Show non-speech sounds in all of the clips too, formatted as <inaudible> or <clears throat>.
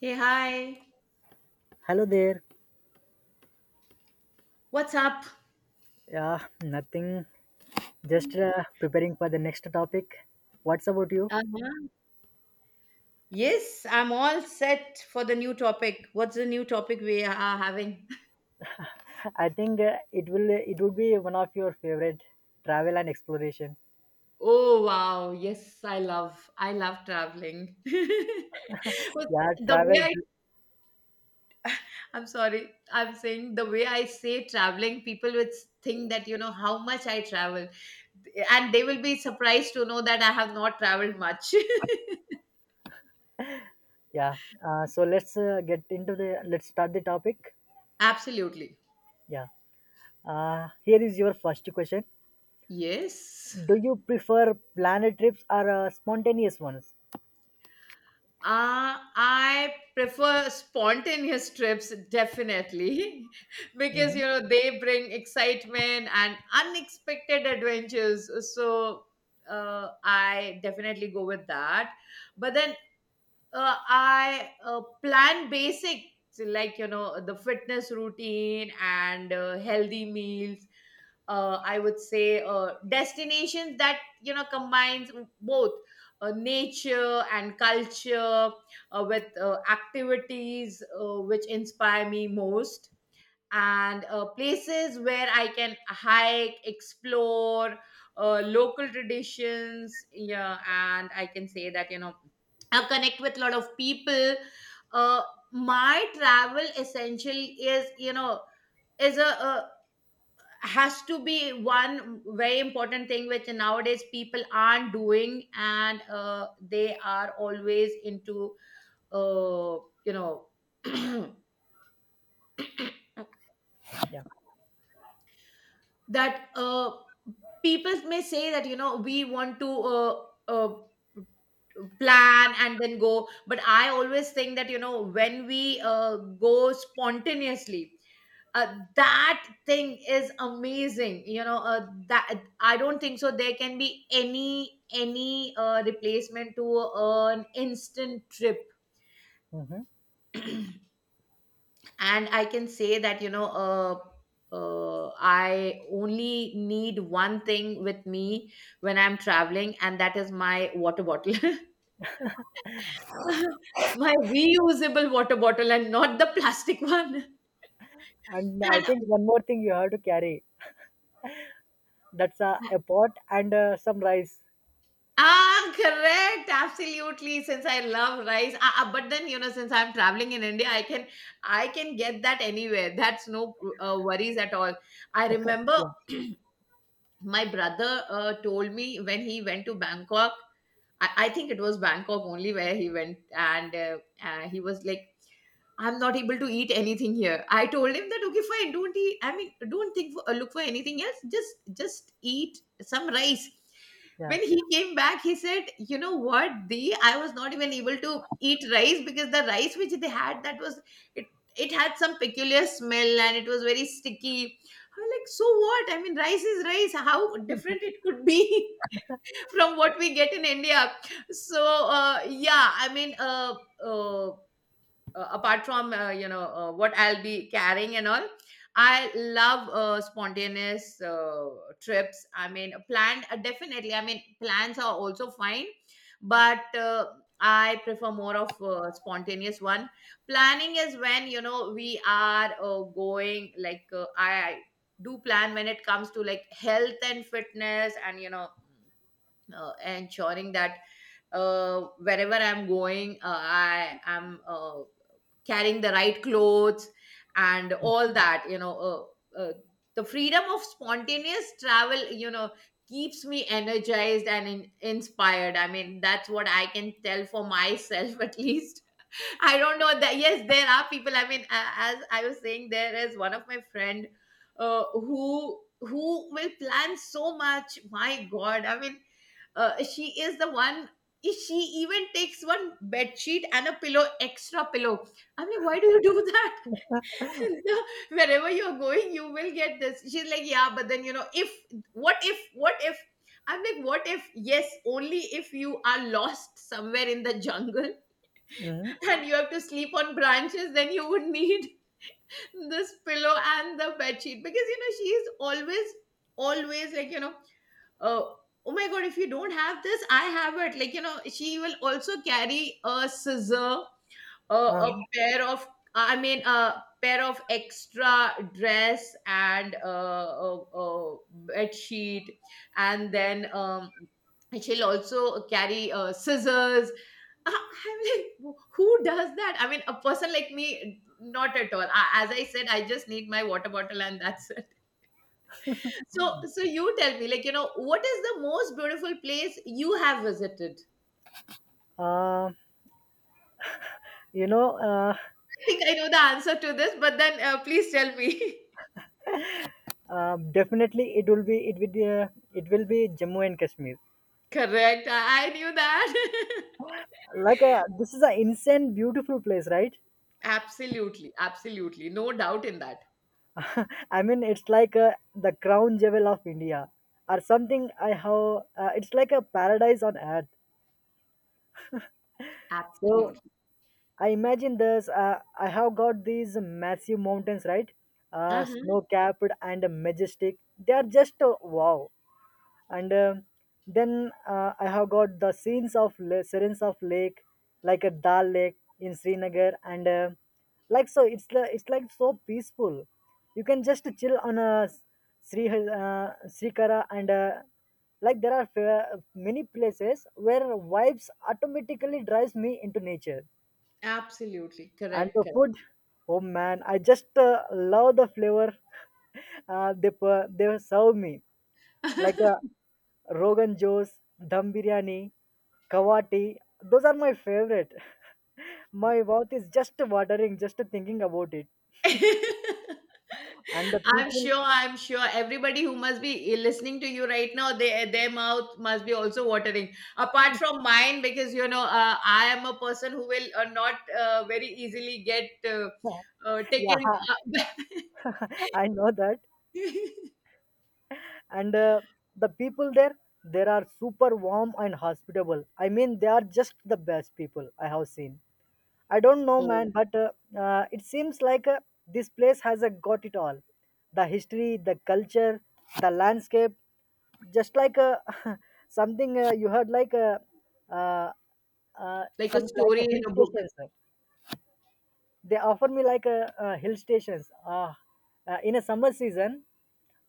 Hey, hi. Hello there. What's up? Yeah, nothing. Just preparing for the next topic. What's about you? Uh-huh. Yes, I'm all set for the new topic. What's the new topic we are having? <laughs> I think it would be one of your favorite travel and exploration. Oh wow, yes, I love traveling. <laughs> But Yeah, the way travel. I. I'm sorry, I'm saying the way I say traveling, people would think that you know how much I travel. And they will be surprised to know that I have not traveled much. Yeah. So let's start the topic. <laughs> Absolutely. Yeah. Here is your first question. Yes. Do you prefer planned trips or spontaneous ones? I prefer spontaneous trips definitely <laughs> because Hmm. you know they bring excitement and unexpected adventures. So I definitely go with that. But then I plan basics like you know the fitness routine and healthy meals. I would say destinations that you know combines both nature and culture with activities which inspire me most and places where I can hike, explore local traditions. Yeah, and I can say that, you know, I connect with a lot of people. Uh, my travel essentially is, you know, is a has to be one very important thing which nowadays people aren't doing and they are always into uh, you know <clears throat> Yeah. that people may say that you know we want to uh, plan and then go, but I always think that you know when we go spontaneously, that thing is amazing you know, that I don't think so there can be any replacement to an instant trip. Hmm. And I can say that you know I only need one thing with me when I'm traveling, and that is my water bottle <laughs> my reusable water bottle and not the plastic one. And I think And one more thing you have to carry. That's a pot and some rice. ah, correct, absolutely, since I love rice ah, ah, but then you know since I'm traveling in India I can I can get that anywhere, that's no worries at all. I remember Yeah. <clears throat> my brother told me when he went to Bangkok. I think it was Bangkok only where he went, and he was like I'm not able to eat anything here. I told him that okay, fine, don't eat. I mean, don't think for, look for anything else. Just eat some rice. Yeah. When he came back, he said, "You know what? The I was not even able to eat rice because the rice which they had that was it. It had some peculiar smell and it was very sticky." I was like, "So what? I mean, rice is rice. How different it could be." <laughs> from what we get in India. So yeah I mean uh, apart from you know what I'll be carrying and all, I love spontaneous trips. I mean planned definitely, I mean plans are also fine, but I prefer more of spontaneous one. Planning is when you know we are going like I do plan when it comes to like health and fitness and you know ensuring that wherever I'm going I am carrying the right clothes and all that you know. uh, uh, the freedom of spontaneous travel you know keeps me energized and inspired, I mean that's what I can tell for myself <laughs> at least. I don't know that. Yes, there are people. I mean, as I was saying, there is one of my friend who will plan so much. My God, I mean, she is the one. She even takes one bed sheet and a pillow, extra pillow. I mean, why do you do that? <laughs> The- Wherever you're going, you will get this. She's like, yeah, but then you know, if what if what if. I'm like, what if? Yes, only if you are lost somewhere in the jungle Mhm. and you have to sleep on branches, then you would need <laughs> this pillow and the bed sheet, because you know she is always, always like you know, uh, oh my god, if you don't have this, I have it. Like you know, she will also carry a scissor a, Uh, a pair of I mean a pair of extra dress and a bed sheet, and then she'll also carry scissors. I'm like <laughs> who does that. I mean a person like me, not at all. As I said I just need my water bottle and that's it. <laughs> So so you tell me like you know what is the most beautiful place you have visited. uh, you know, uh, I think I know the answer to this, but then please tell me. <laughs> Definitely it will be it will be it will be Jammu and Kashmir. Correct. I knew that. Like this is an insane beautiful place, right? <laughs> Absolutely. Absolutely. No doubt in that. <laughs> I mean, it's like the crown jewel of India or something. I have It's like a paradise on earth. So Absolutely. I imagine this. I have got these massive mountains, right? Uh-huh. Snow capped and majestic. They are just wow. and then I have got the scenes of lake like a Dal Lake in Srinagar and it's like so peaceful. You can just chill on a sri uh, srikara and like there are fa- many places where vibes automatically drives me into nature. Absolutely. And Correct. the Correct. food, oh man, I just love the flavor. <laughs> They serve me like a rogan josh, dum biryani, Kawati. Those are my favorite. <laughs> My mouth is just watering just thinking about it. <laughs> And the people, I'm sure everybody who must be listening to you right now, they, their mouth must be also watering. Apart from mine, because, you know, I am a person who will not very easily get <laughs> yeah, taken. <laughs> I know that. And the people there, they are super warm and hospitable. I mean, they are just the best people I have seen. I don't know, <laughs> oh, man, but it seems like this place has got it all: the history, the culture, the landscape, just like <laughs> something you heard like uh, like some a like story a in hill a book. stations, right? They offer me like a, uh, hill stations in a summer season.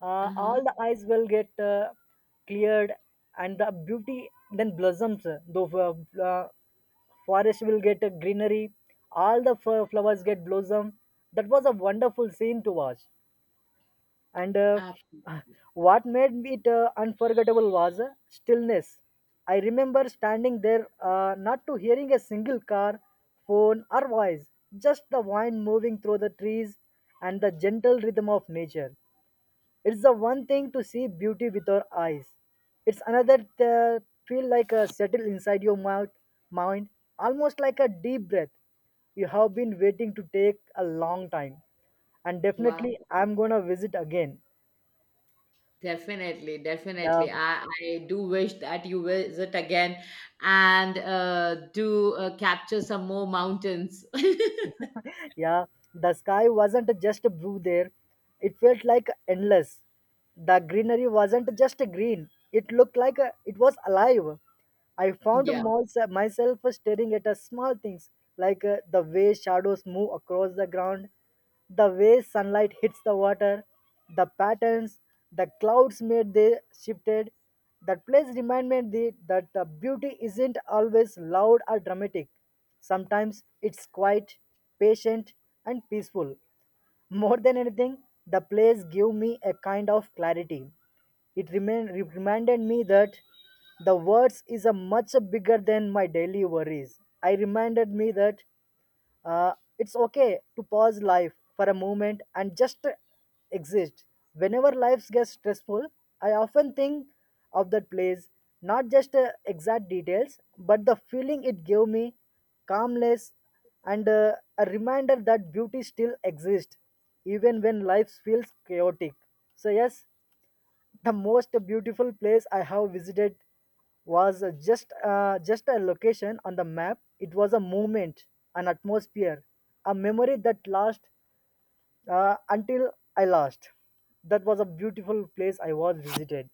All Uh-huh. the eyes will get cleared, and the beauty then blossoms the uh, forest will get a greenery, all the flowers get blossom. That was a wonderful scene to watch. And Uh, <sighs> what made it unforgettable was stillness. I remember standing there, not to hearing a single car, phone or voice, just the wind moving through the trees and the gentle rhythm of nature. It's the one thing to see beauty with our eyes. It's another uh, feel like a settle inside your mouth, mind, almost like a deep breath you have been waiting to take a long time. And wow. definitely I'm gonna visit again. Definitely, Yeah, definitely. I do wish that you visit again and do capture some more mountains. yeah. The sky wasn't just blue there. It felt like endless. The greenery wasn't just green. It looked like it was alive. I found <laughs> yeah. Myself staring at small things like the way shadows move across the ground, the way sunlight hits the water, the patterns the clouds made, they shifted. That place reminded me that the beauty isn't always loud or dramatic. Sometimes it's quiet, patient, and peaceful. More than anything, the place gave me a kind of clarity. It reminded me that the words is a much bigger than my daily worries. I reminded me that uh, it's okay to pause life for a moment and just exist. Whenever life gets stressful, I often think of that place, not just the exact details, but the feeling it gave me, calmness, and a reminder that beauty still exists, even when life feels chaotic. So, yes, the most beautiful place I have visited was just a location on the map. It was a moment, an atmosphere, a memory that lasts until I lost. That was a beautiful place I was visited.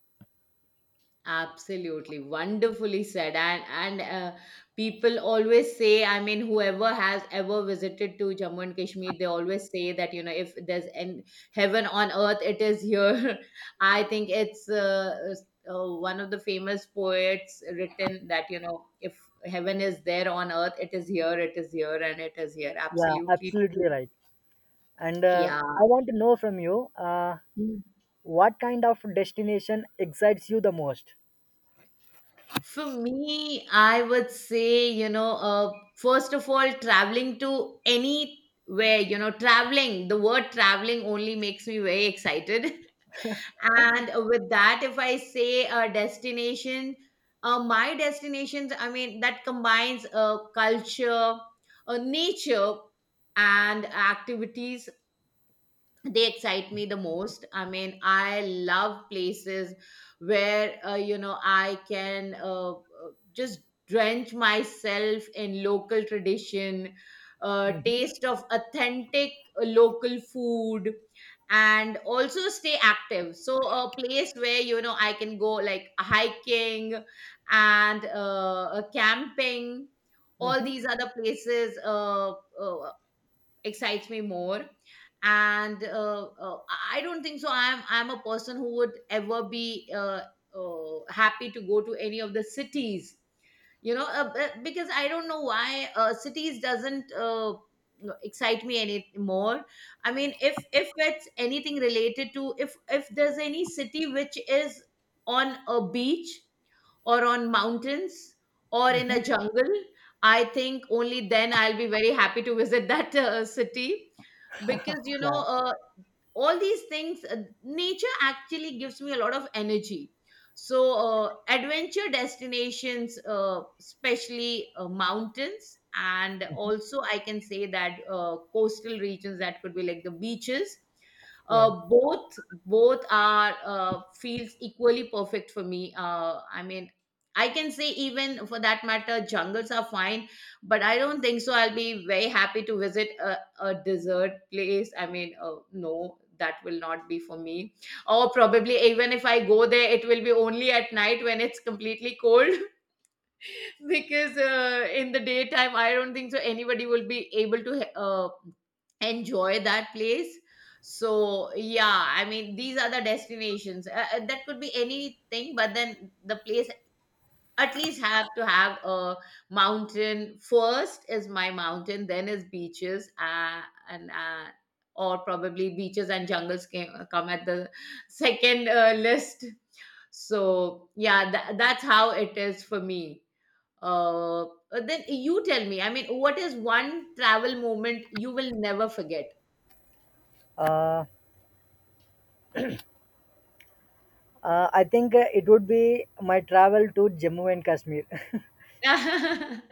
Absolutely wonderfully said, and people always say. I mean, whoever has ever visited to Jammu and Kashmir, they always say that you know if there's an heaven on earth, it is here. <laughs> I think it's one of the famous poets written that you know if heaven is there on earth, it is here, and it is here. Yeah, Absolutely absolutely true. right. And Yeah. I want to know from you what kind of destination excites you the most. For me, I would say, you know, first of all, traveling to anywhere, you know, traveling, the word traveling only makes me very excited. <laughs> And with that, if I say a destination, my destinations, I mean, that combines culture, nature, and activities, they excite me the most. I mean I love places where you know I can just drench myself in local tradition, Mm-hmm. taste of authentic local food, and also stay active. So a place where you know I can go like hiking and camping, all Hmm. these other places uh, excites me more. And I don't think so I'm a person who would ever be happy to go to any of the cities, you know. Because I don't know why cities doesn't excite me any more. I mean if it's anything related to, if there's any city which is on a beach or on mountains or in Hmm. a jungle, I think only then I'll be very happy to visit that city. Because you know Yeah, all these things nature actually gives me a lot of energy. So adventure destinations, especially mountains, and also I can say that coastal regions, that could be like the beaches, yeah. Both, both are feels equally perfect for me. I mean I can say even for that matter jungles are fine, but I don't think so I'll be very happy to visit a dessert place. I mean no, that will not be for me, or probably even if I go there it will be only at night when it's completely cold, <laughs> because in the daytime I don't think so anybody will be able to enjoy that place. So yeah, I mean these are the destinations, that could be anything, but then the place at least have to have a mountain. First is my mountain, then is beaches, and or probably beaches and jungles come at the second list. So yeah, that's how it is for me. uh, uh, then you tell me, I mean what is one travel moment you will never forget. Uh, I think It would be my travel to Jammu and Kashmir. <laughs> <laughs>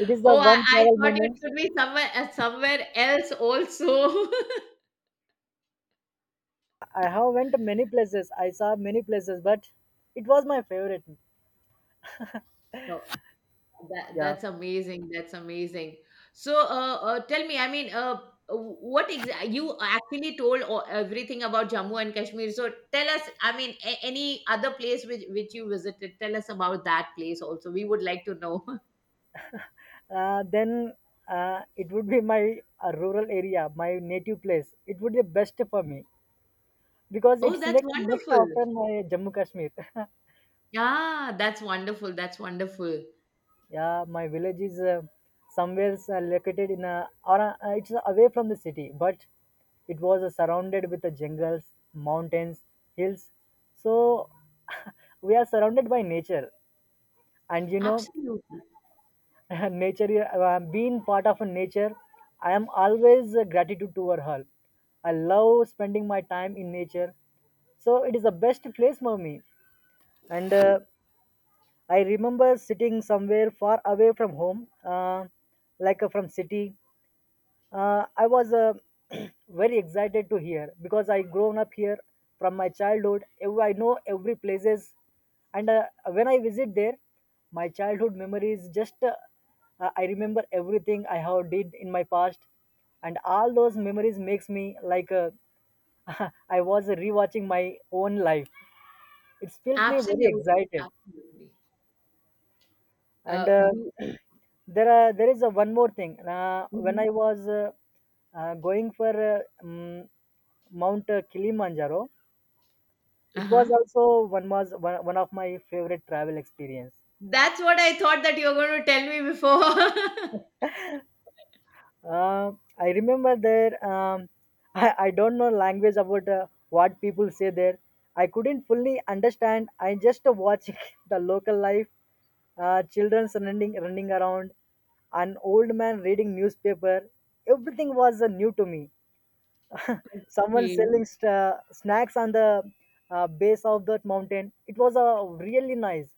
It is the Oh one I travel thought it moment. could be somewhere somewhere else also. <laughs> I have went many places. I saw many places, but it was my favorite. Oh, that Yeah. that's amazing. That's amazing. So, tell me, I mean, what exactly you actually told everything about Jammu and Kashmir. So, tell us, I mean, any other place which you visited, tell us about that place also. We would like to know. <laughs> Then It would be my rural area, my native place. It would be best for me because Oh, it's that's next wonderful. after my Jammu Kashmir. <laughs> Yeah, that's wonderful. That's wonderful. Yeah, my village is somewhere located in a or it's away from the city, but it was surrounded with the jungles, mountains, hills. So <laughs> we are surrounded by nature, and you know, Absolutely. <laughs> nature, being part of a nature, I am always gratitude toward her. I love spending my time in nature, so it is the best place for me. And I remember sitting somewhere far away from home, from city. I was <clears throat> Very excited to hear because I grown up here from my childhood. I know every places. And when I visit there, my childhood memories just I remember everything I have did in my past, and all those memories makes me like <laughs> I was rewatching my own life. It feels me very Absolutely. excited. Absolutely. And We, <clears throat> there are there is a one more thing. Uh, when Mhm. I was going for uh, um, mount Kilimanjaro. It was Uh-huh. also one of my favorite travel experience. That's what I thought that you were going to tell me before. <laughs> Uh, I remember there. <laughs> I don't know language about what people say there. I couldn't fully understand. I just watched <laughs> the local life, children running around, an old man reading newspaper. Everything was new to me. <laughs> Someone Okay. selling snacks on the base of that mountain. It was really nice.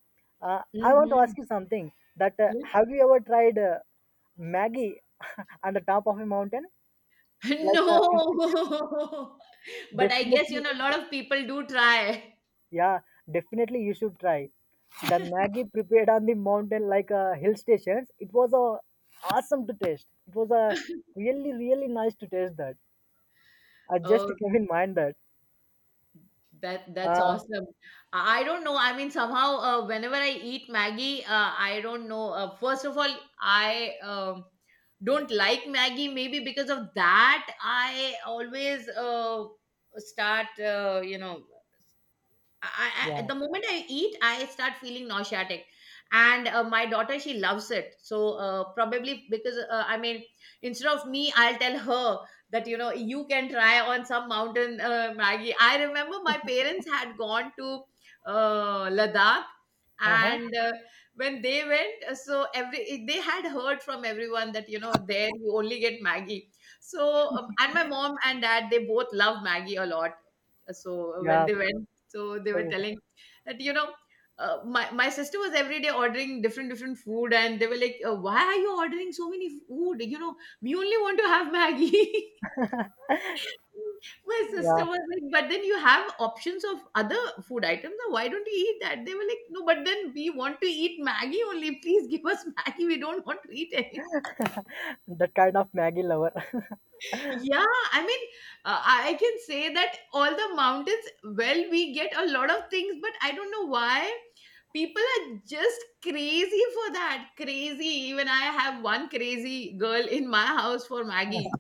I want to Mm-hmm. ask you something, that Yes. have you ever tried maggie <laughs> on the top of a mountain? <laughs> Like in city? No. <laughs> But I guess, you Definitely, know, a lot of people do try. yeah, definitely you should try. The maggie prepared on the mountain, like hill stations, it was awesome to taste. It was really, really nice to taste that. I just Oh, came in mind that that that's uh, awesome. I don't know. I mean, somehow, whenever I eat Maggie, I don't know. First of all, I don't like Maggie. Maybe because of that, I always start, you know, yeah. the moment I eat, I start feeling nauseatic. And my daughter, she loves it. So, probably because I mean, instead of me, I'll tell her that you can try on some mountain Maggie. I remember my parents had gone to Ladakh, Uh-huh. and when they went, so every they had heard from everyone that there you only get Maggie. So and my mom and dad, they both love Maggie a lot, so when Yeah. they went, so they were So, telling that, my sister was every day ordering different different food, and they were like, why are you ordering so many food? We only want to have maggie. <laughs> My yeah, sister was like, but then you have options of other food items, now why don't you eat that? They were like, no, but then we want to eat maggie only, please give us maggie, we don't want to eat anything. that kind of Maggie lover. <laughs> Yeah, I mean, I can say that all the mountains, well, we get a lot of things, but I don't know why people are just crazy for that. Crazy. Even I have one crazy girl in my house for Maggie,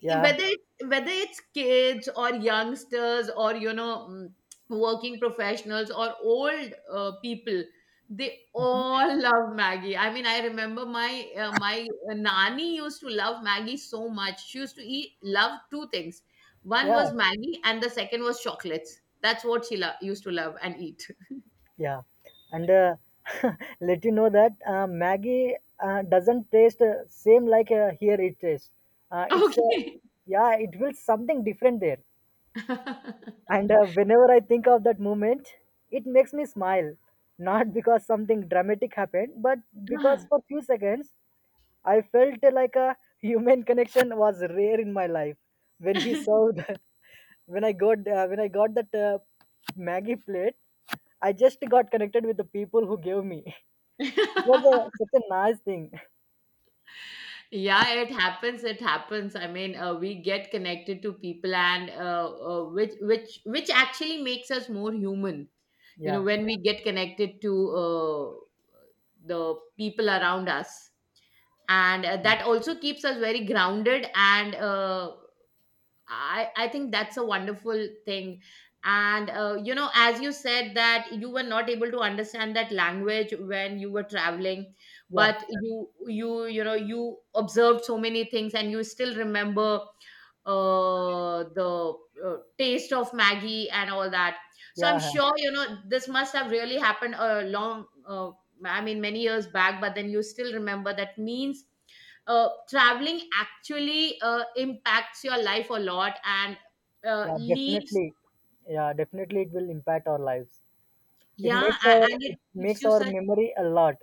Yeah. whether it's kids or youngsters or working professionals or old people. They Mhm. all love maggie. I mean, I remember my my nani used to love maggie so much, she used to eat love two things. One Yeah, was maggie and the second was chocolates. That's what she used to love and eat. yeah. And <laughs> let you know that Maggie doesn't taste same like here it tastes. <laughs> It's Okay. Yeah, it feels something different there. <laughs> And whenever I think of that moment, it makes me smile. Not because something dramatic happened, but because for few seconds I felt like a human connection was rare in my life when he Uh-huh. served. <laughs> When I got that Maggie plate, I just got connected with the people who gave me. <laughs> It was a, <laughs> such a nice thing. Yeah, it happens, it happens. I mean, we get connected to people, and which actually makes us more human. You know, Yeah, when we get connected to the people around us, and that also keeps us very grounded. And I think that's a wonderful thing. And, you know, as you said that you were not able to understand that language when you were traveling, yeah, but you observed so many things and you still remember the taste of Maggie and all that. So yeah, I'm yeah, sure you know this must have really happened a long, I mean, many years back. But then you still remember, that means traveling actually impacts your life a lot, and yeah. leaves, Definitely, yeah, definitely, it will impact our lives. It yeah, makes our and it it gives makes you our such memory a lot.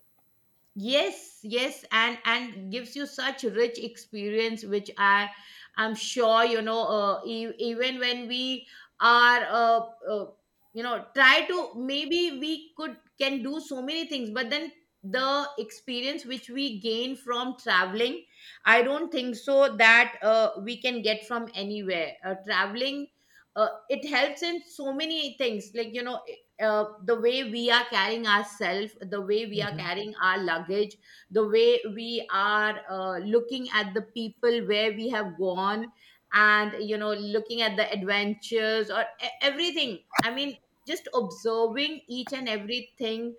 yes, yes, and gives you such rich experience, which I'm sure you know even when we are uh, try to, maybe we could can do so many things, but then the experience which we gain from traveling, I don't think so that we can get from anywhere. Traveling, it helps in so many things, like the way we are carrying ourselves, the way we are Hmm. carrying our luggage, the way we are looking at the people where we have gone, and you know, looking at the adventures or everything. I mean, just observing each and everything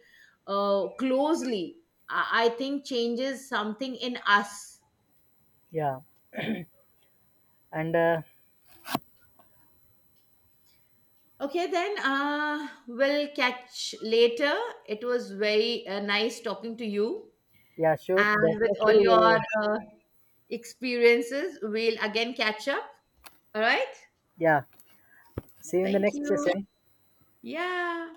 closely, I think changes something in us. Yeah, and Okay, then we'll catch later. It was very nice talking to you, yeah, sure, and with all definitely your we'll. uh, experiences, we'll again catch up. All right. Yeah, see you in the Thank next you. session. Yeah.